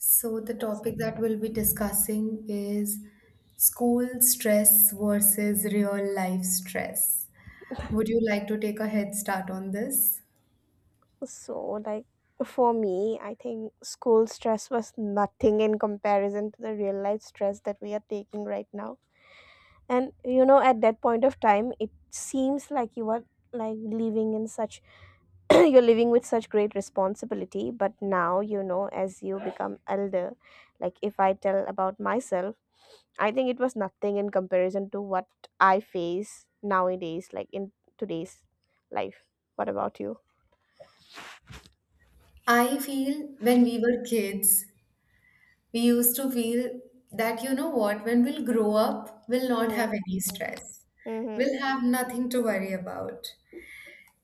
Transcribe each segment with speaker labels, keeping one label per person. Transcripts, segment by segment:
Speaker 1: So, the topic that we'll be discussing is school stress versus real life stress. Would you like to take a head start on this?
Speaker 2: So, for me, I think school stress was nothing in comparison to the real life stress that we are taking right now. And you know, at that point of time, it seems like you are living in such you're living with such great responsibility. But now, you know, as you become elder, like if I tell about myself, I think it was nothing in comparison to what I face nowadays, like in today's life. What about you?
Speaker 1: I feel when we were kids, we used to feel that, you know what, when we'll grow up, we'll not have
Speaker 2: Mm-hmm.
Speaker 1: any stress.
Speaker 2: Mm-hmm.
Speaker 1: We'll have nothing to worry about.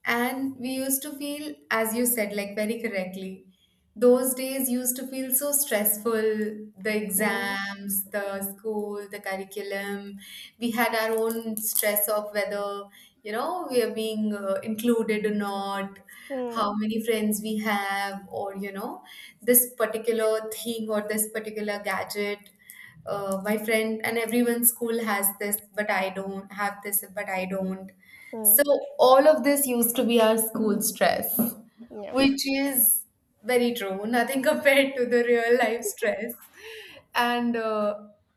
Speaker 1: And we used to feel, as you said, like very correctly, those days used to feel so stressful, the
Speaker 2: Mm-hmm.
Speaker 1: exams, the school, the curriculum. We had our own stress of whether, you know, we are being included or not,
Speaker 2: Hmm.
Speaker 1: how many friends we have, or, you know, this particular thing or this particular gadget. My friend and everyone's school has this, but I don't have this, but I don't so
Speaker 2: mm,
Speaker 1: all of this used to be our school stress,
Speaker 2: yeah.
Speaker 1: which is very true, nothing compared to the real life stress. And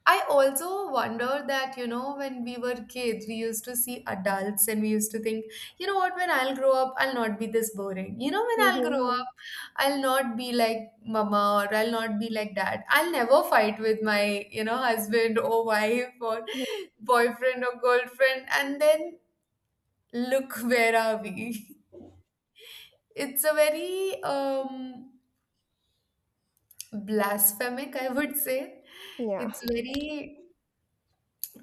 Speaker 1: I also wonder that, you know, when we were kids, we used to see adults and we used to think, you know what, when I'll grow up, I'll not be this boring. You know, when I'll grow
Speaker 2: Mhm,
Speaker 1: up, I'll not be like mama, or I'll not be like dad. I'll never fight with my, you know, husband or wife or
Speaker 2: mhm.
Speaker 1: boyfriend or girlfriend. And then look, where are we? It's a very blasphemic, I would say.
Speaker 2: Yeah.
Speaker 1: It's very.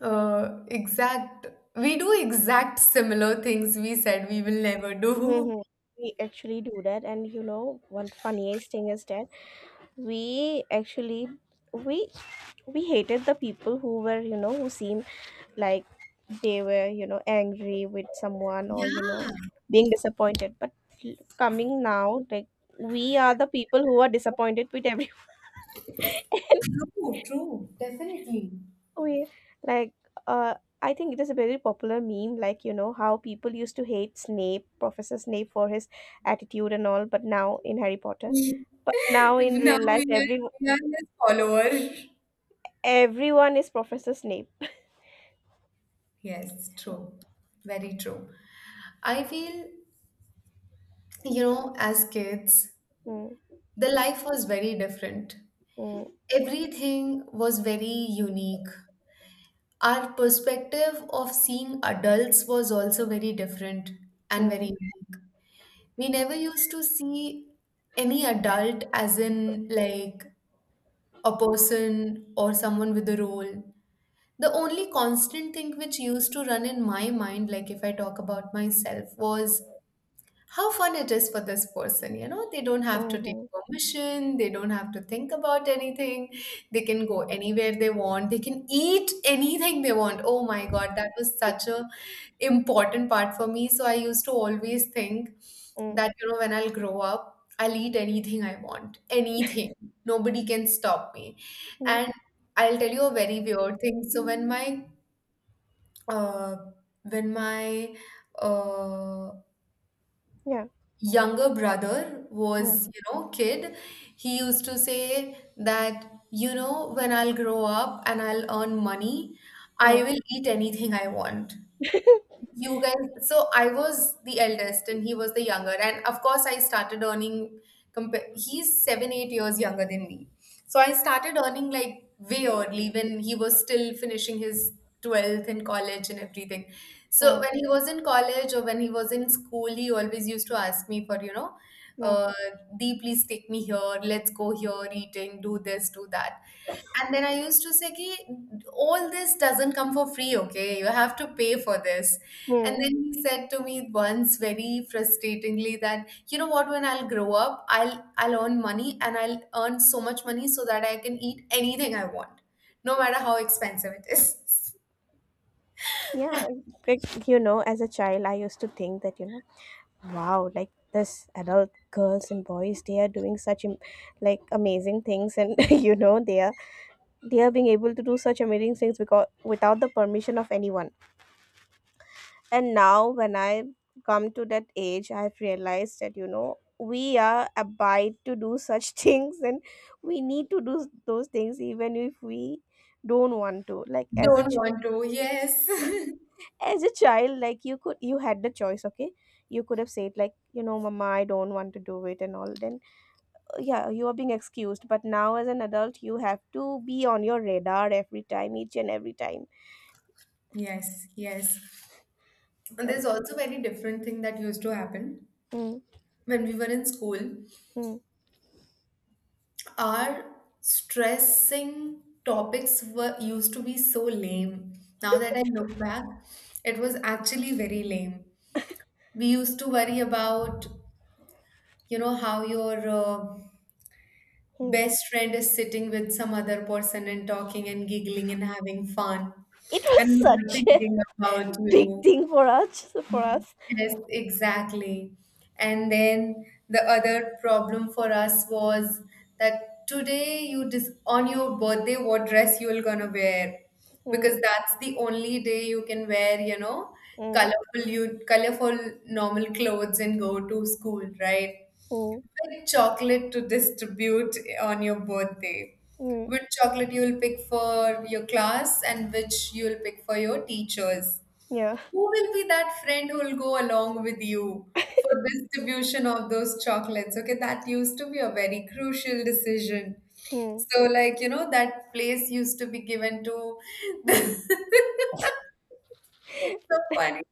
Speaker 1: Exact. We do exact similar things we said we will never do.
Speaker 2: Mhm. We actually do that, and you know, one funniest thing is that we actually we we hated the people who were, you know, who seemed like they were, you know, angry with someone or, you know,
Speaker 1: Yeah,
Speaker 2: being disappointed. But coming now, like we are the people who are disappointed with everyone.
Speaker 1: true, true, definitely.
Speaker 2: We like uh I think it is a very popular meme, like you know how people used to hate Snape, Professor Snape, for his attitude and all, but now in Harry Potter. But now in
Speaker 1: Now
Speaker 2: real
Speaker 1: we
Speaker 2: life
Speaker 1: are, we are his follower.
Speaker 2: everyone is Professor Snape.
Speaker 1: Yes, true. Very true. I feel, you know, as kids,
Speaker 2: Mm,
Speaker 1: the life was very different.
Speaker 2: mm,
Speaker 1: Everything was very unique. Our perspective of seeing adults was also very different and very
Speaker 2: mm,
Speaker 1: unique. We never used to see any adult, as in like a person or someone with a role. The only constant thing which used to run in my mind, like if I talk about myself, was how fun it is for this person. You know, they don't have to take
Speaker 2: mhm,
Speaker 1: permission, they don't have to think about anything, they can go anywhere they want, they can eat anything they want. Oh my god, that was such a important part for me. So I used to always think
Speaker 2: mm,
Speaker 1: that, you know, when I'll grow up, I'll eat anything I want, anything, nobody can stop me.
Speaker 2: mm,
Speaker 1: And I'll tell you a very weird thing. So when my uh when my uh
Speaker 2: yeah.
Speaker 1: younger brother
Speaker 2: Mm,
Speaker 1: was, you know, kid, he used to say that, you know, when I'll grow up and I'll earn money, I
Speaker 2: mm,
Speaker 1: will eat anything I want. You guys, so I was the eldest and he was the younger. And of course, I started earning, he's 7, 8 years younger than me. So I started earning like way early when he was still finishing his 12th in college and everything. So
Speaker 2: mm,
Speaker 1: when he was in college or when he was in school, he always used to ask me for, you know,
Speaker 2: mm,
Speaker 1: uh, Dee, please take me here. Let's go here, eating, do this, do that. And then I used to say, ki, all this doesn't come for free, okay? You have to pay for this. And
Speaker 2: mm.
Speaker 1: then he said to me once very frustratingly that, you know what, when I'll grow up, I'll earn money and I'll earn so much money so that I can eat anything I want, no matter how expensive it is.
Speaker 2: Yeah, like, you know, as a child, I used to think that, you know, wow, like this adult girls and boys, they are doing such like amazing things, and you know they are being able to do such amazing things because without the permission of anyone. And now when I come to that age, I've realized that, you know, we are abide to do such things, and we need to do those things even if we don't want to. Like
Speaker 1: Don't want to, yes.
Speaker 2: as a child, like you could, you had the choice, okay, you could have said like, you know, mama, I don't want to do it and all, then yeah, you are being excused, but now as an adult you have to be on your radar every time, each and every time.
Speaker 1: Yes, yes. And
Speaker 2: And
Speaker 1: there's also very different thing that used to happen
Speaker 2: mm,
Speaker 1: when we were in school.
Speaker 2: mm,
Speaker 1: Our stressing topics were used to be so lame. Now that I look back, it was actually very lame. We used to worry about, you know, how your
Speaker 2: mm.
Speaker 1: best friend is sitting with some other person and talking and giggling and having fun,
Speaker 2: It
Speaker 1: and
Speaker 2: was
Speaker 1: we were
Speaker 2: such a
Speaker 1: thinking about
Speaker 2: big
Speaker 1: you.
Speaker 2: thing for us.
Speaker 1: Yes, exactly. And then the other problem for us was that today you dis on your birthday what dress you will gonna wear,
Speaker 2: Mm,
Speaker 1: because that's the only day you can wear, you know,
Speaker 2: mm,
Speaker 1: colorful normal clothes and go to school, right?
Speaker 2: mm,
Speaker 1: Pick chocolate to distribute on your birthday.
Speaker 2: mm,
Speaker 1: Which chocolate you'll pick for your class and which you'll pick for your teachers.
Speaker 2: yeah,
Speaker 1: Who will be that friend who will go along with you for distribution of those chocolates? Okay, that used to be a very crucial decision.
Speaker 2: mm,
Speaker 1: So, like, you know, that place used to be given to, it's so funny.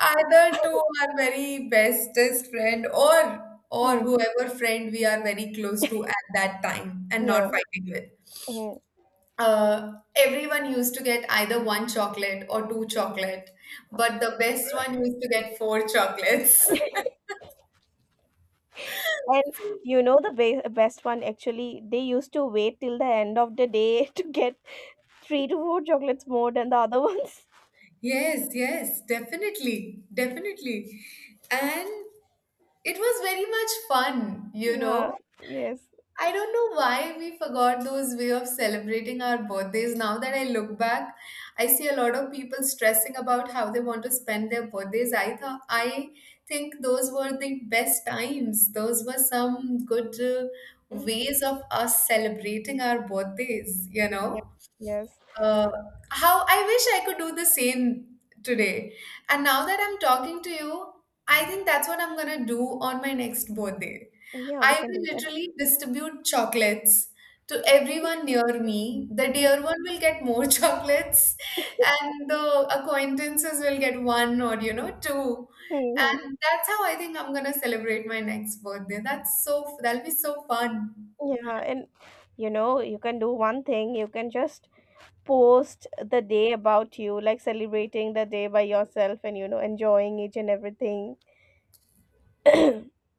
Speaker 1: Either to our very bestest friend, or
Speaker 2: mm,
Speaker 1: whoever friend we are very close to at that time and
Speaker 2: yeah,
Speaker 1: not fighting with.
Speaker 2: mm.
Speaker 1: Everyone used to get either one chocolate or two chocolate, but the best one used to get four chocolates.
Speaker 2: And you know the best one, actually they used to wait till the end of the day to get three to four chocolates more than the other ones.
Speaker 1: Yes, yes, definitely, definitely. And it was very much fun, you
Speaker 2: Yeah.
Speaker 1: know.
Speaker 2: Yes.
Speaker 1: I don't know why we forgot those way of celebrating our birthdays. Now that I look back, I see a lot of people stressing about how they want to spend their birthdays. I think those were the best times. Those were some good ways of us celebrating our birthdays, you
Speaker 2: Yeah.
Speaker 1: know?
Speaker 2: Yes.
Speaker 1: Uh, how I wish I could do the same today. And now that I'm talking to you, I think that's what I'm gonna do on my next birthday.
Speaker 2: Yeah, we
Speaker 1: I
Speaker 2: can do
Speaker 1: will
Speaker 2: that.
Speaker 1: literally distribute chocolates to everyone near me. The dear one will get more chocolates, and the acquaintances will get one or, you know, two. And that's how I think I'm gonna celebrate my next birthday. that'll be so fun.
Speaker 2: Yeah, and you know, you can do one thing, you can just post the day about you, like celebrating the day by yourself and, you know, enjoying each and everything.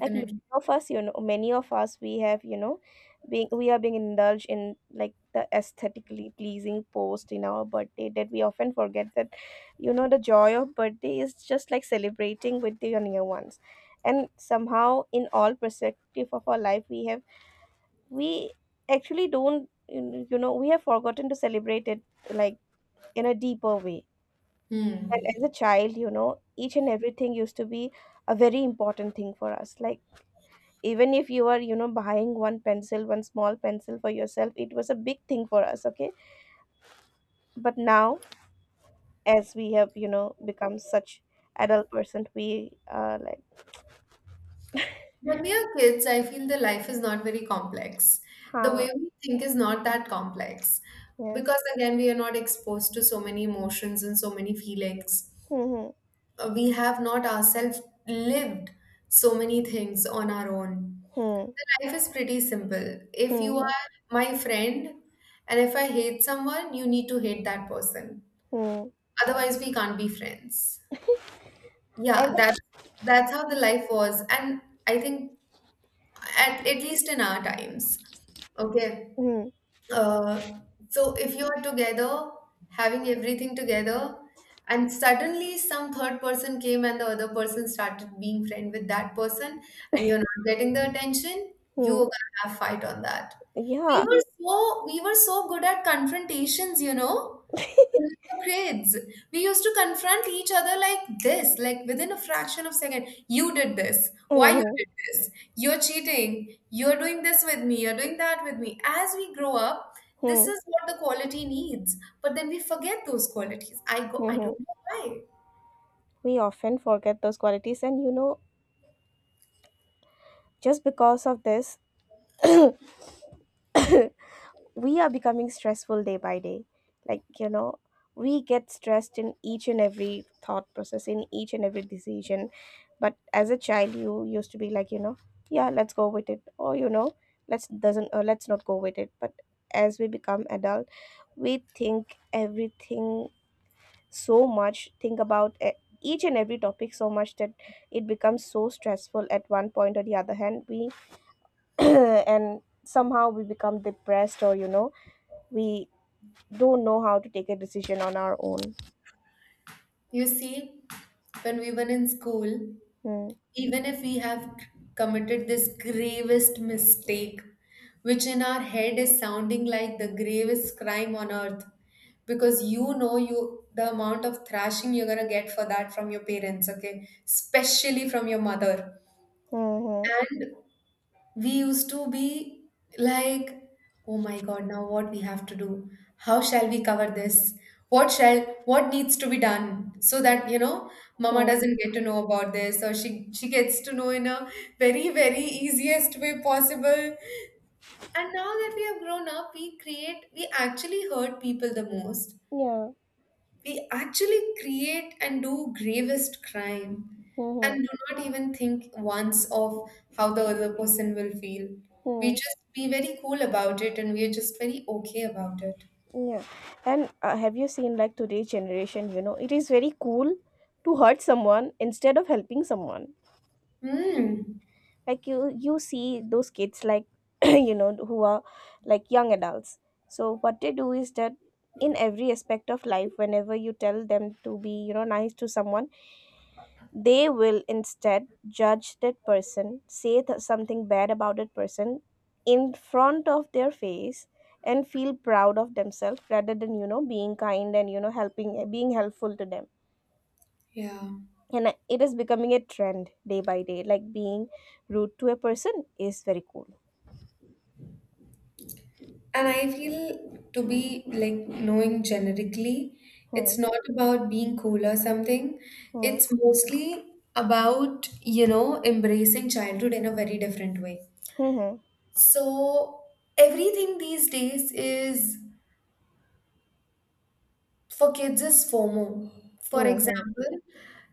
Speaker 2: Like many of us, you know, many of us we have, you know, being we are being indulged in like the aesthetically pleasing post in our birthday that we often forget that, you know, the joy of birthday is just like celebrating with the your near ones. And somehow in all perspective of our life we have we actually don't you you know we have forgotten to celebrate it, like in a deeper way. And
Speaker 1: Hmm.
Speaker 2: as a child, you know, each and everything used to be a very important thing for us, like even if you were, you know, buying one pencil, one small pencil for yourself, it was a big thing for us, okay. But now as we have, you know, become such adult person, we are like
Speaker 1: When we are kids, I feel the life is not very complex. The
Speaker 2: huh,
Speaker 1: way we think is not that complex,
Speaker 2: yes,
Speaker 1: because, again, we are not exposed to so many emotions and so many feelings.
Speaker 2: hmm,
Speaker 1: We have not ourselves lived so many things on our own.
Speaker 2: hmm,
Speaker 1: The life is pretty simple. If you
Speaker 2: hmm, hmm,
Speaker 1: are my friend and if I hate someone, you need to hate that person.
Speaker 2: hmm,
Speaker 1: Otherwise, we can't be friends. Yeah,
Speaker 2: and
Speaker 1: that's how the life was. And I think at least in our times. Okay.
Speaker 2: hmm,
Speaker 1: Uh, so if you are together, having everything together, and suddenly some third person came and the other person started being friend with that person, and you're not getting the attention, you're
Speaker 2: hmm,
Speaker 1: gonna have fight on that. We
Speaker 2: yeah,
Speaker 1: were so we were so good at confrontations, you know. We're kids. We used to confront each other like this, like within a fraction of second. You did this. Why
Speaker 2: hmm,
Speaker 1: you did
Speaker 2: hmm,
Speaker 1: this? You're cheating. You're doing this with me. You're doing that with me. As we grow up, this
Speaker 2: hmm,
Speaker 1: is what the quality needs. But then we forget those qualities. I go. I
Speaker 2: hmm.
Speaker 1: don't know why.
Speaker 2: We often forget those qualities, and you know, just because of this we are becoming stressful day by day, like you know we get stressed in each and every thought process, in each and every decision. But as a child you used to be like, you know, yeah, let's go with it, or you know, let's doesn't or let's not go with it. But as we become adult, we think everything, so much think about each and every topic so much that it becomes so stressful at one point or the other hand we, and somehow we become depressed, or you know, we don't know how to take a decision on our own.
Speaker 1: You see, when we were in school,
Speaker 2: Hmm.
Speaker 1: even if we have committed this gravest mistake, which in our head is sounding like the gravest crime on earth, because you know, you, the amount of thrashing you're gonna get for that from your parents, okay, especially from your mother.
Speaker 2: Hmm. Hmm.
Speaker 1: And we used to be like, oh my god, now what we have to do, how shall we cover this, what shall what needs to be done, so that, you know, mama
Speaker 2: Hmm.
Speaker 1: doesn't get to know about this, or she gets to know in a very, very easiest way possible. And now that we have grown up, we actually hurt people the most.
Speaker 2: Yeah.
Speaker 1: We actually create and do gravest crime and
Speaker 2: Hmm.
Speaker 1: do not even think once of how the other person will feel. We
Speaker 2: Hmm.
Speaker 1: just be very cool about it, and we are just very okay about it.
Speaker 2: Hmm. Yeah. And have you seen like today's generation, you know, it is very cool to hurt someone instead of helping someone.
Speaker 1: Hmm.
Speaker 2: Like you see those kids, like you know, who are like young adults, so what they do is that in every aspect of life, whenever you tell them to be, you know, nice to someone, they will instead judge that person, say something bad about that person in front of their face and feel proud of themselves rather than, you know, being kind and you know, helping, being helpful to them.
Speaker 1: Yeah.
Speaker 2: And it is becoming a trend day by day, like being rude to a person is very cool.
Speaker 1: And I feel, to be like knowing generically,
Speaker 2: Hmm.
Speaker 1: it's not about being cool or something.
Speaker 2: Hmm.
Speaker 1: It's mostly about, you know, embracing childhood in a very different way.
Speaker 2: Hmm.
Speaker 1: So everything these days is for kids is FOMO. For
Speaker 2: Hmm. Hmm.
Speaker 1: example,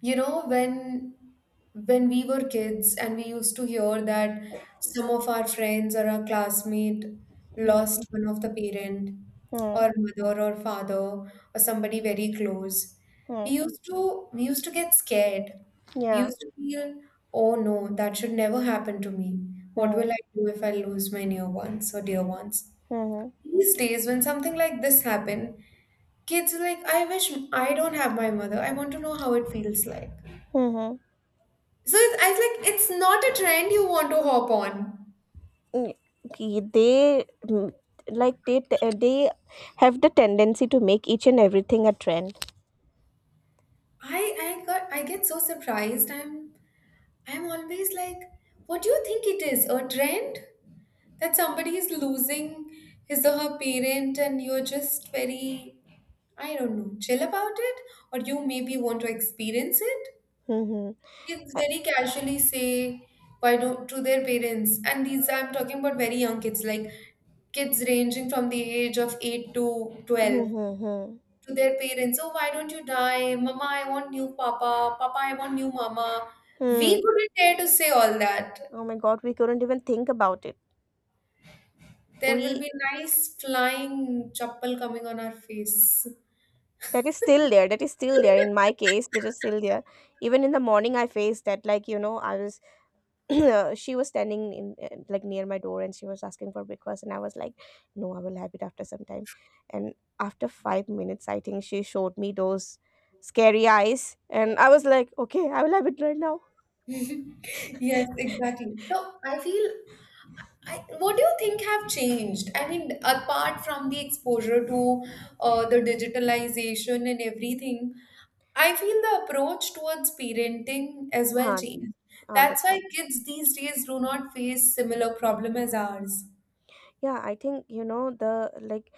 Speaker 1: you know, when we were kids and we used to hear that some of our friends or our classmate
Speaker 2: Hmm.
Speaker 1: lost one of the parent,
Speaker 2: Hmm.
Speaker 1: or mother or father or somebody very close. We
Speaker 2: Hmm.
Speaker 1: used to we used to get scared. We
Speaker 2: Yeah.
Speaker 1: used to feel, oh no, that should never happen to me. What
Speaker 2: Hmm.
Speaker 1: will I do if I lose my near ones or dear ones?
Speaker 2: Hmm.
Speaker 1: These days, when something like this happen, kids are like, I wish I don't have my mother. I want to know how it feels like.
Speaker 2: Hmm. Hmm.
Speaker 1: So it's, I was like, it's not a trend you want to hop on.
Speaker 2: Y- They like they have the tendency to make each and everything a trend.
Speaker 1: I get so surprised. I'm always like, what do you think it is? A trend that somebody is losing his or her parent, and you're just very, I don't know, chill about it, or you maybe want to experience it.
Speaker 2: Hmm. Hmm.
Speaker 1: Kids very casually say, why do to their parents. And these, I'm talking about very young kids, like kids ranging from the age of 8 to 12,
Speaker 2: Hmm. Hmm.
Speaker 1: to their parents, oh, why don't you die, mama? I want new papa. Papa, I want new mama. We
Speaker 2: Hmm.
Speaker 1: couldn't dare to say all that.
Speaker 2: Oh my God, we couldn't even think about it.
Speaker 1: There will
Speaker 2: We
Speaker 1: be nice flying chappal coming on our face.
Speaker 2: That is still there. That is still there. In my case, that is still there. Even in the morning, I faced that. Like you know, I was she was standing in like near my door, and she was asking for breakfast and I was like, no, I will have it after some time. And after 5 minutes I think she showed me those scary eyes, and I was like, okay, I will have it right now.
Speaker 1: Yes, exactly. So I feel, what do you think have changed? I mean, apart from the exposure to the digitalization and everything, I feel the approach towards parenting as well
Speaker 2: Can't
Speaker 1: changed.
Speaker 2: on that
Speaker 1: That's why
Speaker 2: one.
Speaker 1: kids these days do not face similar problem as ours.
Speaker 2: Yeah, I think you know, the like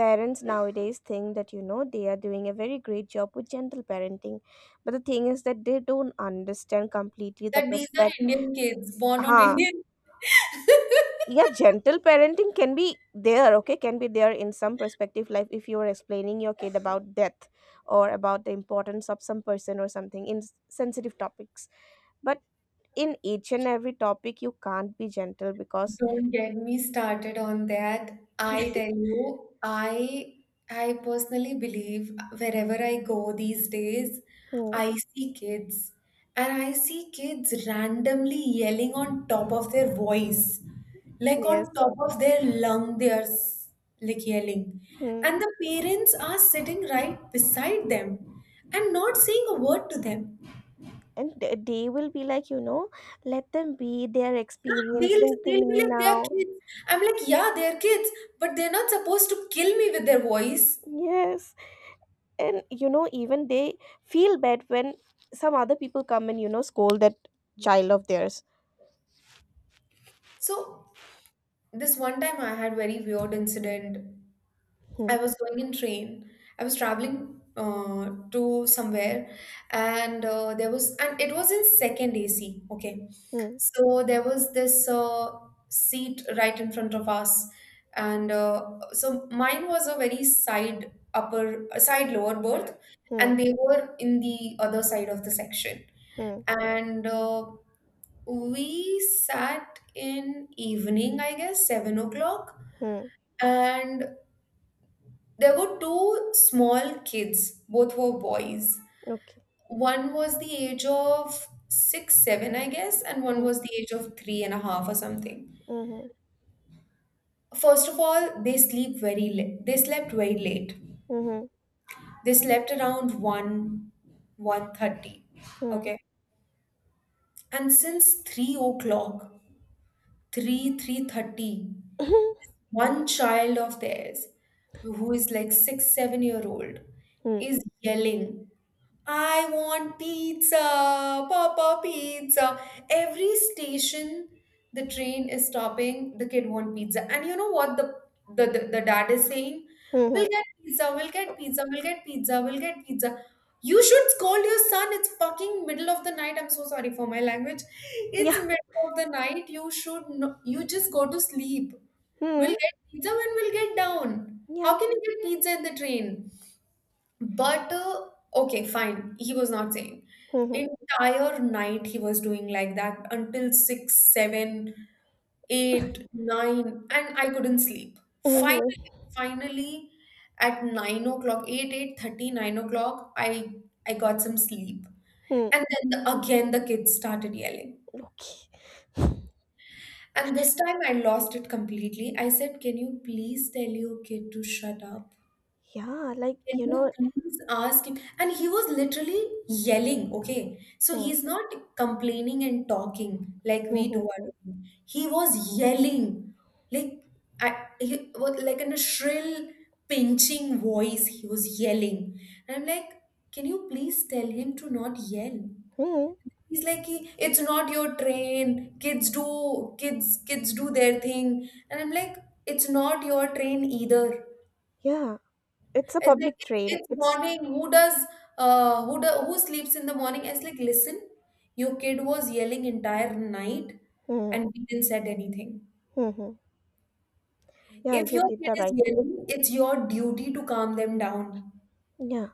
Speaker 2: parents nowadays think that, you know, they are doing a very great job with gentle parenting, but the thing is that they don't understand completely the
Speaker 1: That these are
Speaker 2: perspective.
Speaker 1: Indian kids born on
Speaker 2: Ha.
Speaker 1: Indian.
Speaker 2: Yeah, gentle parenting can be there, okay, can be there in some perspective, like if you are explaining your kid about death or about the importance of some person or something in sensitive topics, but in each and every topic you can't be gentle because
Speaker 1: Don't get me started on that. I tell you, I personally believe wherever I go these days,
Speaker 2: hmm,
Speaker 1: I see kids, and I see kids randomly yelling on top of their voice. Like
Speaker 2: yes,
Speaker 1: on top of their lung, like yelling.
Speaker 2: hmm.
Speaker 1: And the parents are sitting right beside them and not saying a word to them.
Speaker 2: And they will be like, you know, let them be, they're
Speaker 1: They'll,
Speaker 2: experiencing
Speaker 1: they'll be
Speaker 2: thing
Speaker 1: like, they're
Speaker 2: now.
Speaker 1: kids. I'm like, yeah, they're kids, but they're not supposed to kill me with their voice.
Speaker 2: Yes. And you know, even they feel bad when some other people come and you know, scold that child of theirs.
Speaker 1: So, this one time I had very weird incident. I
Speaker 2: Hmm,
Speaker 1: was going in train. I was traveling to somewhere, and it was in second AC. Okay,
Speaker 2: hmm,
Speaker 1: so there was this seat right in front of us, and so mine was a very side upper, side lower berth,
Speaker 2: hmm,
Speaker 1: and they were in the other side of the section,
Speaker 2: hmm,
Speaker 1: and we sat in evening, I guess, 7 o'clock,
Speaker 2: hmm,
Speaker 1: and there were two small kids, both were boys.
Speaker 2: okay,
Speaker 1: One was the age of six, seven, I guess, and one
Speaker 2: hmm,
Speaker 1: was the age of three and a half or something.
Speaker 2: hmm,
Speaker 1: First of all, they sleep very late. They slept very late.
Speaker 2: hmm,
Speaker 1: They slept around one, 1:30.
Speaker 2: hmm,
Speaker 1: Okay, and since 3 o'clock, 3, 3:30, one child of theirs, who is like six seven year old,
Speaker 2: hmm,
Speaker 1: is yelling, I want pizza, papa pizza. Every station the train is stopping, the kid want pizza. And you know what the dad is saying?
Speaker 2: hmm,
Speaker 1: We'll
Speaker 2: hmm.
Speaker 1: get pizza, we'll get pizza, we'll get pizza, we'll get pizza. You should scold your son. It's fucking middle of the night. I'm so sorry for my language. It's
Speaker 2: Yeah,
Speaker 1: middle of the night. You should No, you just go to sleep. We'll
Speaker 2: hmm,
Speaker 1: get pizza when we'll get down. How
Speaker 2: yeah,
Speaker 1: can you get pizza in the train? But okay, fine. He was not sane.
Speaker 2: hmm, hmm,
Speaker 1: Entire night he was doing like that until six, seven, eight, nine, and I couldn't sleep.
Speaker 2: hmm, hmm,
Speaker 1: Finally, at 9 o'clock, 8, 8:30, 9 o'clock, I got some sleep.
Speaker 2: hmm.
Speaker 1: And then again the kids started yelling. And this time I lost it completely. I said, can you please tell your kid to shut up?
Speaker 2: Yeah, like
Speaker 1: Can
Speaker 2: you
Speaker 1: you
Speaker 2: know,
Speaker 1: please ask him? And he was literally yelling, okay? So
Speaker 2: hmm,
Speaker 1: he's not complaining and talking like
Speaker 2: hmm,
Speaker 1: we two
Speaker 2: hmm,
Speaker 1: are
Speaker 2: hmm,
Speaker 1: doing. He was yelling, like like in a shrill, pinching voice, he was yelling. And I'm like, can you please tell him to not yell?
Speaker 2: hmm.
Speaker 1: He's like, it's not your train. Kids do their thing. And I'm like, it's not your train either.
Speaker 2: Yeah, it's a
Speaker 1: It's like,
Speaker 2: public train,
Speaker 1: it's
Speaker 2: it's
Speaker 1: morning. Who does who do, Who sleeps in the morning? It's like, listen, your kid was yelling entire night
Speaker 2: hmm,
Speaker 1: and we didn't said anything.
Speaker 2: hmm, hmm. Yeah,
Speaker 1: If
Speaker 2: you
Speaker 1: your
Speaker 2: did
Speaker 1: kid
Speaker 2: the
Speaker 1: is
Speaker 2: right thing.
Speaker 1: yelling, it's your duty to calm them down.
Speaker 2: Yeah,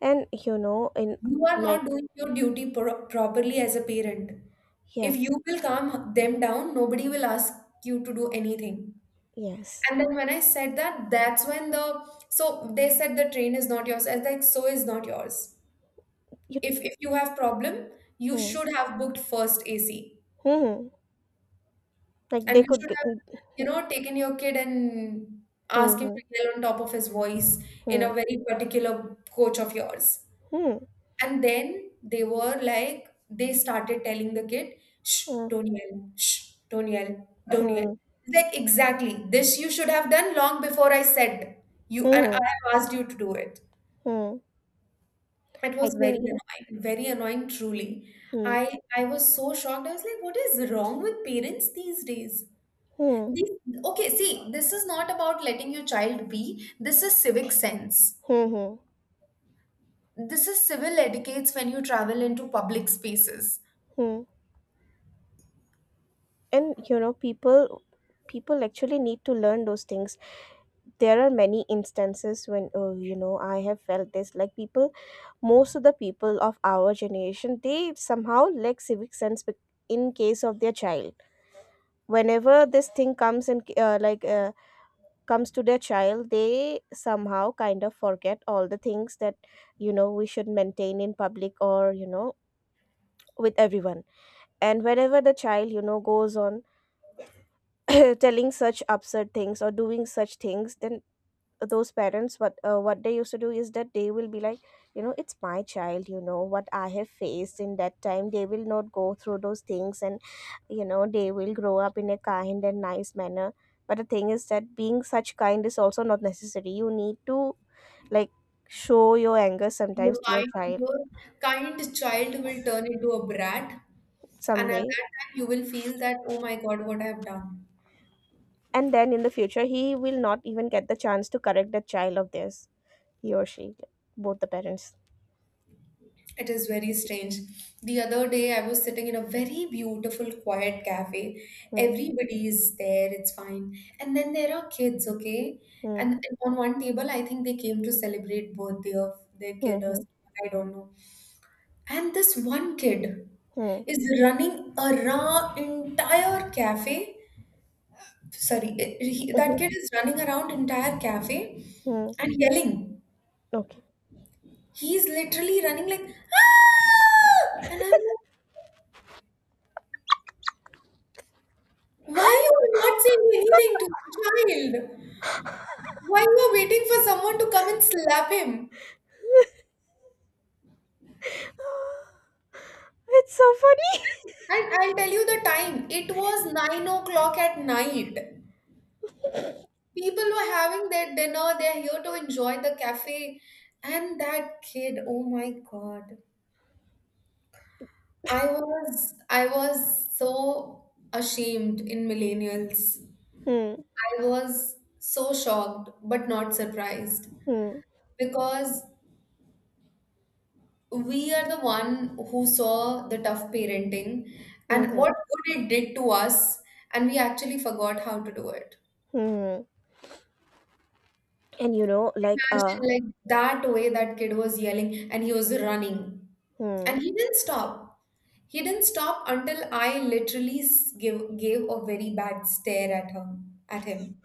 Speaker 2: and you know, in
Speaker 1: You are
Speaker 2: like
Speaker 1: not doing your duty properly as a parent.
Speaker 2: yeah,
Speaker 1: If you will calm them down, nobody will ask you to do anything.
Speaker 2: yes,
Speaker 1: And then when I said that, that's when they said the train is not yours. I was like, so is not yours.
Speaker 2: you
Speaker 1: If you have problem, you
Speaker 2: hmm,
Speaker 1: should have booked first AC,
Speaker 2: mhm, like
Speaker 1: and
Speaker 2: they
Speaker 1: you
Speaker 2: could
Speaker 1: should
Speaker 2: g
Speaker 1: have
Speaker 2: hmm,
Speaker 1: taken your kid and asked him
Speaker 2: mhm,
Speaker 1: to yell on top of his voice in a
Speaker 2: hmm,
Speaker 1: very particular coach of yours. And then they were like they started telling the kid, shh,
Speaker 2: hmm,
Speaker 1: don't yell, shh, don't yell, don't yell.
Speaker 2: mm,
Speaker 1: It's like, exactly this you should have done long before. I said, you
Speaker 2: hmm,
Speaker 1: and I
Speaker 2: mhm,
Speaker 1: have asked you to do it.
Speaker 2: hmm.
Speaker 1: It
Speaker 2: I
Speaker 1: was
Speaker 2: think
Speaker 1: very annoying, truly.
Speaker 2: hmm,
Speaker 1: I was so shocked. I was like, what is wrong with parents these days?
Speaker 2: hmm,
Speaker 1: These, okay, see, this is not about letting your child be. This is civic sense.
Speaker 2: hmm, hmm,
Speaker 1: This is civil etiquettes when you travel into public spaces.
Speaker 2: hmm. And you know, people people actually need to learn those things. There are many instances when oh, you know, I have felt this. Like people, most of the people of our generation, they somehow lack civic sense in case of their child. Whenever this thing comes in, like comes to their child, they somehow kind of forget all the things that, you know, we should maintain in public, or you know, with everyone. And whenever the child you know goes on telling such absurd things or doing such things, then those parents what they used to do is that they will be like, you know, it's my child, you know what I have faced in that time, they will not go through those things, and you know they will grow up in a kind and nice manner. But the thing is that being such kind is also not necessary, you need to like show your anger sometimes
Speaker 1: Your
Speaker 2: to your
Speaker 1: kind,
Speaker 2: child
Speaker 1: your kind child will turn into a brat, and at
Speaker 2: someday.
Speaker 1: that time you will feel that, oh my God, what I have done.
Speaker 2: And then in the future, he will not even get the chance to correct the child of theirs, he or she, both the parents.
Speaker 1: It is very strange. The other day, I was sitting in a very beautiful, quiet cafe.
Speaker 2: Hmm,
Speaker 1: Everybody is there, it's fine. And then there are kids, okay?
Speaker 2: hmm,
Speaker 1: And on one table, I think they came to celebrate birthday of their
Speaker 2: hmm,
Speaker 1: kid or
Speaker 2: hmm,
Speaker 1: something, I don't know. And this one kid
Speaker 2: hmm,
Speaker 1: is running around entire cafe. Sorry, that
Speaker 2: hmm,
Speaker 1: kid is running around entire cafe
Speaker 2: hmm.
Speaker 1: and yelling.
Speaker 2: Okay.
Speaker 1: He's literally running like, ah! And I'm like, why you are not saying anything to the child? Why you are waiting for someone to come and slap him?
Speaker 2: It's so funny.
Speaker 1: And I'll tell you the time. It was 9 o'clock at night. People were having their dinner. They're here to enjoy the cafe. And that kid, oh my God. I was so ashamed in millennials.
Speaker 2: Hmm,
Speaker 1: I was so shocked but not surprised,
Speaker 2: hmm,
Speaker 1: because we are the one who saw the tough parenting and what
Speaker 2: hmm,
Speaker 1: good it did to us, and we actually forgot how to do it.
Speaker 2: hmm. And you know, like uh,
Speaker 1: Imagine like that way that kid was yelling and he was running,
Speaker 2: hmm,
Speaker 1: and he didn't stop. He didn't stop until I literally gave a very bad stare at him. At him,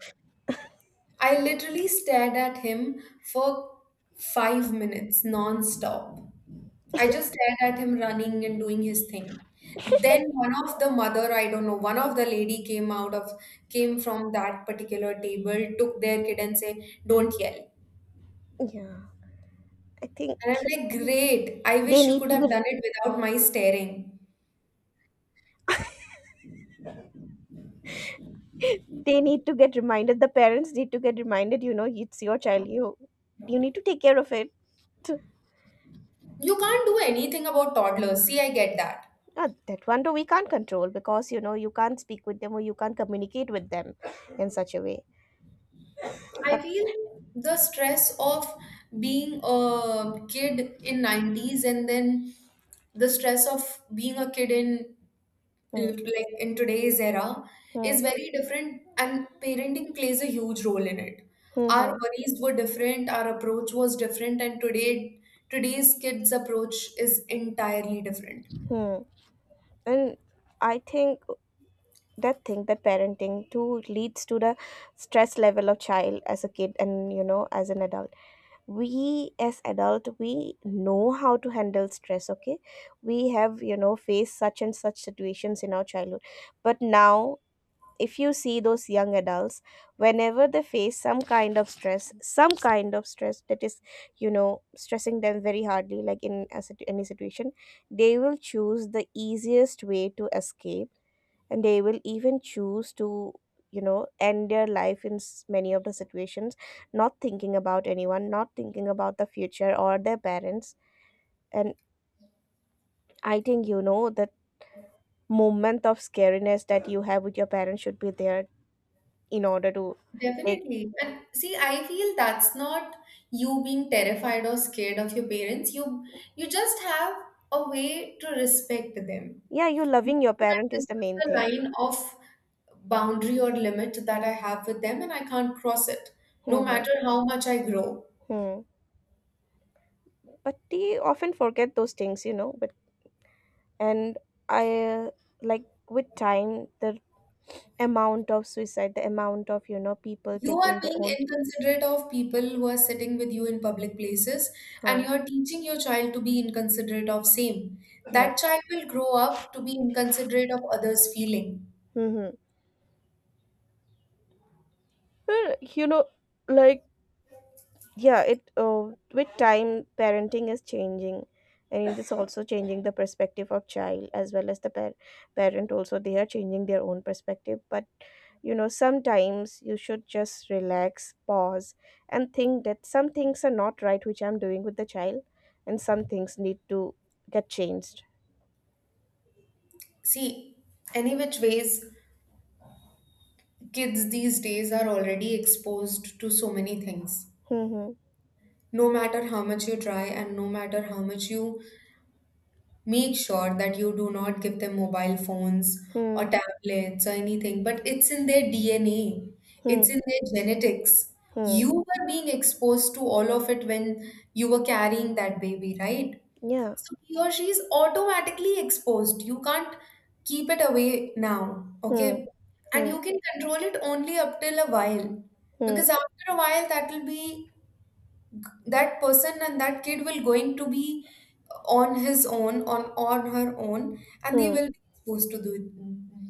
Speaker 1: I literally stared at him for 5 minutes non-stop. I just stared at him running and doing his thing. Then one of the mother, I don't know, one of the lady came out of came from that particular table, took their kid and say, "Don't yell."
Speaker 2: yeah I think
Speaker 1: And I'm
Speaker 2: you
Speaker 1: like,
Speaker 2: know,
Speaker 1: "Great! I
Speaker 2: they
Speaker 1: wish you
Speaker 2: need
Speaker 1: could
Speaker 2: to be
Speaker 1: have done it without my staring."
Speaker 2: they need to get reminded, the parents need to get reminded, you know, it's your child, you need to take care of it.
Speaker 1: You can't do anything about toddlers. See, I get that.
Speaker 2: That one too we can't control because, you know, you can't speak with them or you can't communicate with them in such a way.
Speaker 1: I
Speaker 2: But
Speaker 1: feel the stress of being a kid in 90s and then the stress of being a kid in
Speaker 2: hmm,
Speaker 1: today's era
Speaker 2: hmm,
Speaker 1: is very different, and parenting plays a huge role in it.
Speaker 2: hmm,
Speaker 1: Our
Speaker 2: hmm,
Speaker 1: worries were different, our approach was different, and today's kids approach is entirely different.
Speaker 2: hmm. And I think that thing, that parenting too leads to the stress level of child as a kid, and you know, as an adult we, as adult, we know how to handle stress, okay, we have, you know, faced such and such situations in our childhood. But now if you see those young adults, whenever they face some kind of stress, some kind of stress that is, you know, stressing them very hardly, like in a, any situation, they will choose the easiest way to escape. And they will even choose to, you know, end their life in many of the situations, not thinking about anyone, not thinking about the future or their parents. And I think, you know, that moment of scariness that you have with your parents should be there in order to take.
Speaker 1: Definitely. And see, I feel that's not you being terrified or scared of your parents. You just have a way to respect them.
Speaker 2: Yeah, you loving your
Speaker 1: That
Speaker 2: parent
Speaker 1: this
Speaker 2: is the
Speaker 1: is
Speaker 2: main
Speaker 1: the
Speaker 2: thing.
Speaker 1: line of boundary or limit that I have with them and I can't cross it, no
Speaker 2: Mm-hmm.
Speaker 1: matter how much I grow.
Speaker 2: Hmm. But we often forget those things, you know. But and I like with time, the amount of suicide, the amount of, you know, people
Speaker 1: You are
Speaker 2: taking their
Speaker 1: being
Speaker 2: own.
Speaker 1: inconsiderate of people who are sitting with you in public places, and you
Speaker 2: Huh.
Speaker 1: are teaching your child to be inconsiderate of same.
Speaker 2: Yeah.
Speaker 1: That child will grow up to be inconsiderate of others' feeling.
Speaker 2: Mm-hmm. You know, like yeah, it. With time, parenting is changing, and it is also changing the perspective of child as well as the parent. Also, they are changing their own perspective, but you know, sometimes you should just relax, pause, and think that some things are not right, which I'm doing with the child, and some things need to get changed.
Speaker 1: See, any which ways, kids these days are already exposed to so many things.
Speaker 2: Hmm,
Speaker 1: No matter how much you try and no matter how much you make sure that you do not give them mobile phones or
Speaker 2: hmm,
Speaker 1: tablets or anything, but it's in their DNA, it's
Speaker 2: hmm,
Speaker 1: in their genetics.
Speaker 2: hmm, hmm.
Speaker 1: You were being exposed to all of it when you were carrying that baby, right?
Speaker 2: Yeah.
Speaker 1: So he or she is automatically exposed. You can't keep it away now,
Speaker 2: Hmm,
Speaker 1: okay? And
Speaker 2: hmm,
Speaker 1: you can control it only up till a while,
Speaker 2: hmm,
Speaker 1: because after a while that will be that person and that kid will going to be on his own, on her own, and they
Speaker 2: hmm,
Speaker 1: will be exposed to do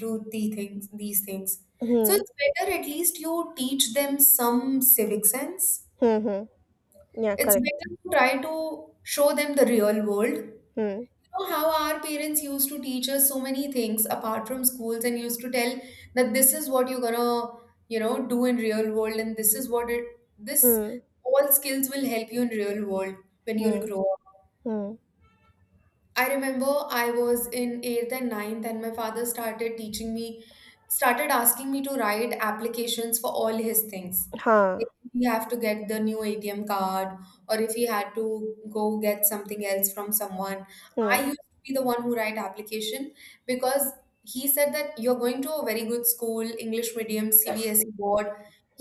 Speaker 1: do the things these things. So
Speaker 2: hmm,
Speaker 1: it's better at least you teach them some civic sense.
Speaker 2: hmm, hmm. Yeah,
Speaker 1: It's
Speaker 2: correct.
Speaker 1: better to try to show them the real world. You
Speaker 2: Hmm,
Speaker 1: know how our parents used to teach us so many things apart from schools and used to tell that this is what you're gonna do in real world, and this is what it this
Speaker 2: hmm,
Speaker 1: all skills will help you in real world when you'll
Speaker 2: hmm,
Speaker 1: grow up.
Speaker 2: hmm.
Speaker 1: I remember I was in 8th and ninth, and my father started asking me to write applications for all his things.
Speaker 2: Huh.
Speaker 1: Like, if he have to get the new ATM card, or if he had to go get something else from someone. I
Speaker 2: Hmm,
Speaker 1: used to be the one who write application because he said that you're going to a very good school, English medium, CBSE board.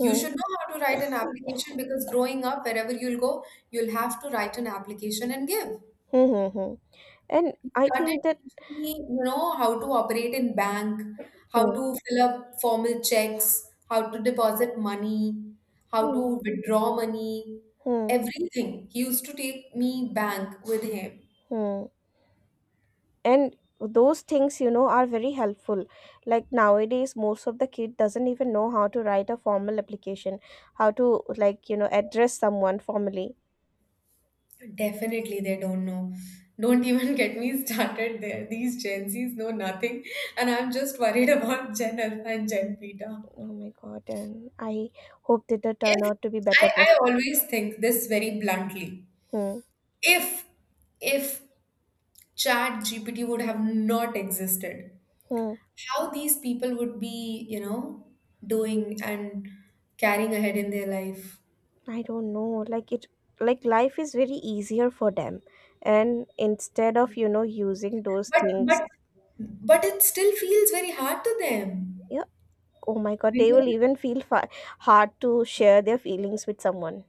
Speaker 1: You should know how to write an application because growing up, wherever you'll go, you'll have to write an application and give.
Speaker 2: hmm, hmm, hmm. And
Speaker 1: He
Speaker 2: I
Speaker 1: started
Speaker 2: think that.
Speaker 1: teaching me, how to operate in bank, how
Speaker 2: Hmm,
Speaker 1: to fill up formal checks, how to deposit money, how to
Speaker 2: hmm,
Speaker 1: withdraw money,
Speaker 2: hmm,
Speaker 1: everything. He used to take me bank with him.
Speaker 2: hmm. And those things, you know, are very helpful, like nowadays most of the kid doesn't even know how to write a formal application, how to you know address someone formally.
Speaker 1: Definitely, they don't know. Don't even get me started there. These Gen Zs know nothing, and I'm just worried about Gen Alpha and Gen Beta.
Speaker 2: Oh my god, and I hope that they turn
Speaker 1: If
Speaker 2: out to be
Speaker 1: I,
Speaker 2: better
Speaker 1: I
Speaker 2: person.
Speaker 1: always think this very bluntly,
Speaker 2: Hmm.
Speaker 1: if if Chat GPT would have not existed,
Speaker 2: Hmm.
Speaker 1: how these people would be doing and carrying ahead in their life.
Speaker 2: I don't know, like it life is very easier for them, and instead of, you know, using those
Speaker 1: But
Speaker 2: things,
Speaker 1: but but it still feels very hard to them.
Speaker 2: yeah, oh my god
Speaker 1: When
Speaker 2: they will
Speaker 1: you
Speaker 2: even feel hard to share their feelings with someone.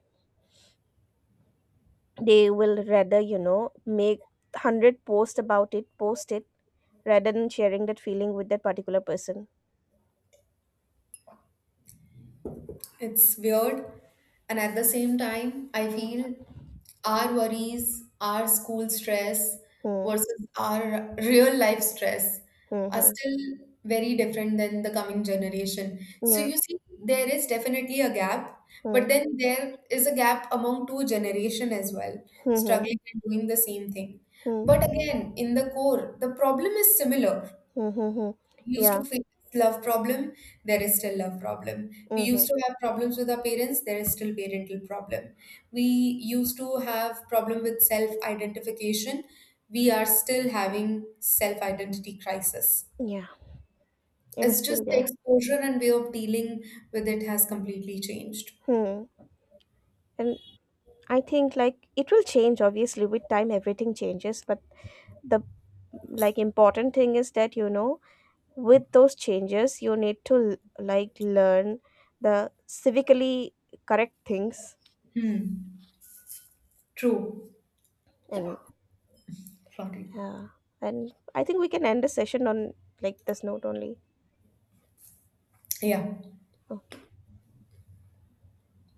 Speaker 2: They will rather, you know, make 100 posts about it, post it, rather than sharing that feeling with that particular person.
Speaker 1: It's weird. And at the same time, I feel our worries, our school stress
Speaker 2: Hmm,
Speaker 1: versus our real life stress
Speaker 2: hmm,
Speaker 1: are
Speaker 2: hmm.
Speaker 1: still very different than the coming generation. So
Speaker 2: Yeah,
Speaker 1: you see, there is definitely a gap, but
Speaker 2: hmm,
Speaker 1: then there is a gap among two generation as well,
Speaker 2: hmm,
Speaker 1: struggling and doing the same thing.
Speaker 2: hmm, hmm,
Speaker 1: But again, in the core, the problem is similar.
Speaker 2: hmm, hmm, hmm.
Speaker 1: We used to
Speaker 2: Yeah,
Speaker 1: face love problem, there is still love problem. We
Speaker 2: hmm,
Speaker 1: used
Speaker 2: hmm.
Speaker 1: to have problems with our parents, there is still parental problem. We used to have problem with self-identification, we are still having self-identity crisis.
Speaker 2: Yeah, it is
Speaker 1: It's just
Speaker 2: still
Speaker 1: the
Speaker 2: there.
Speaker 1: exposure and way of dealing with it has completely changed.
Speaker 2: Hmm. And I think like it will change, obviously, with time everything changes. But the like important thing is that, you know, with those changes you need to like learn the civically correct things.
Speaker 1: Hmm. True.
Speaker 2: And
Speaker 1: Floppy.
Speaker 2: yeah. And I think we can end the session on like this note only.
Speaker 1: Yeah.
Speaker 2: Okay.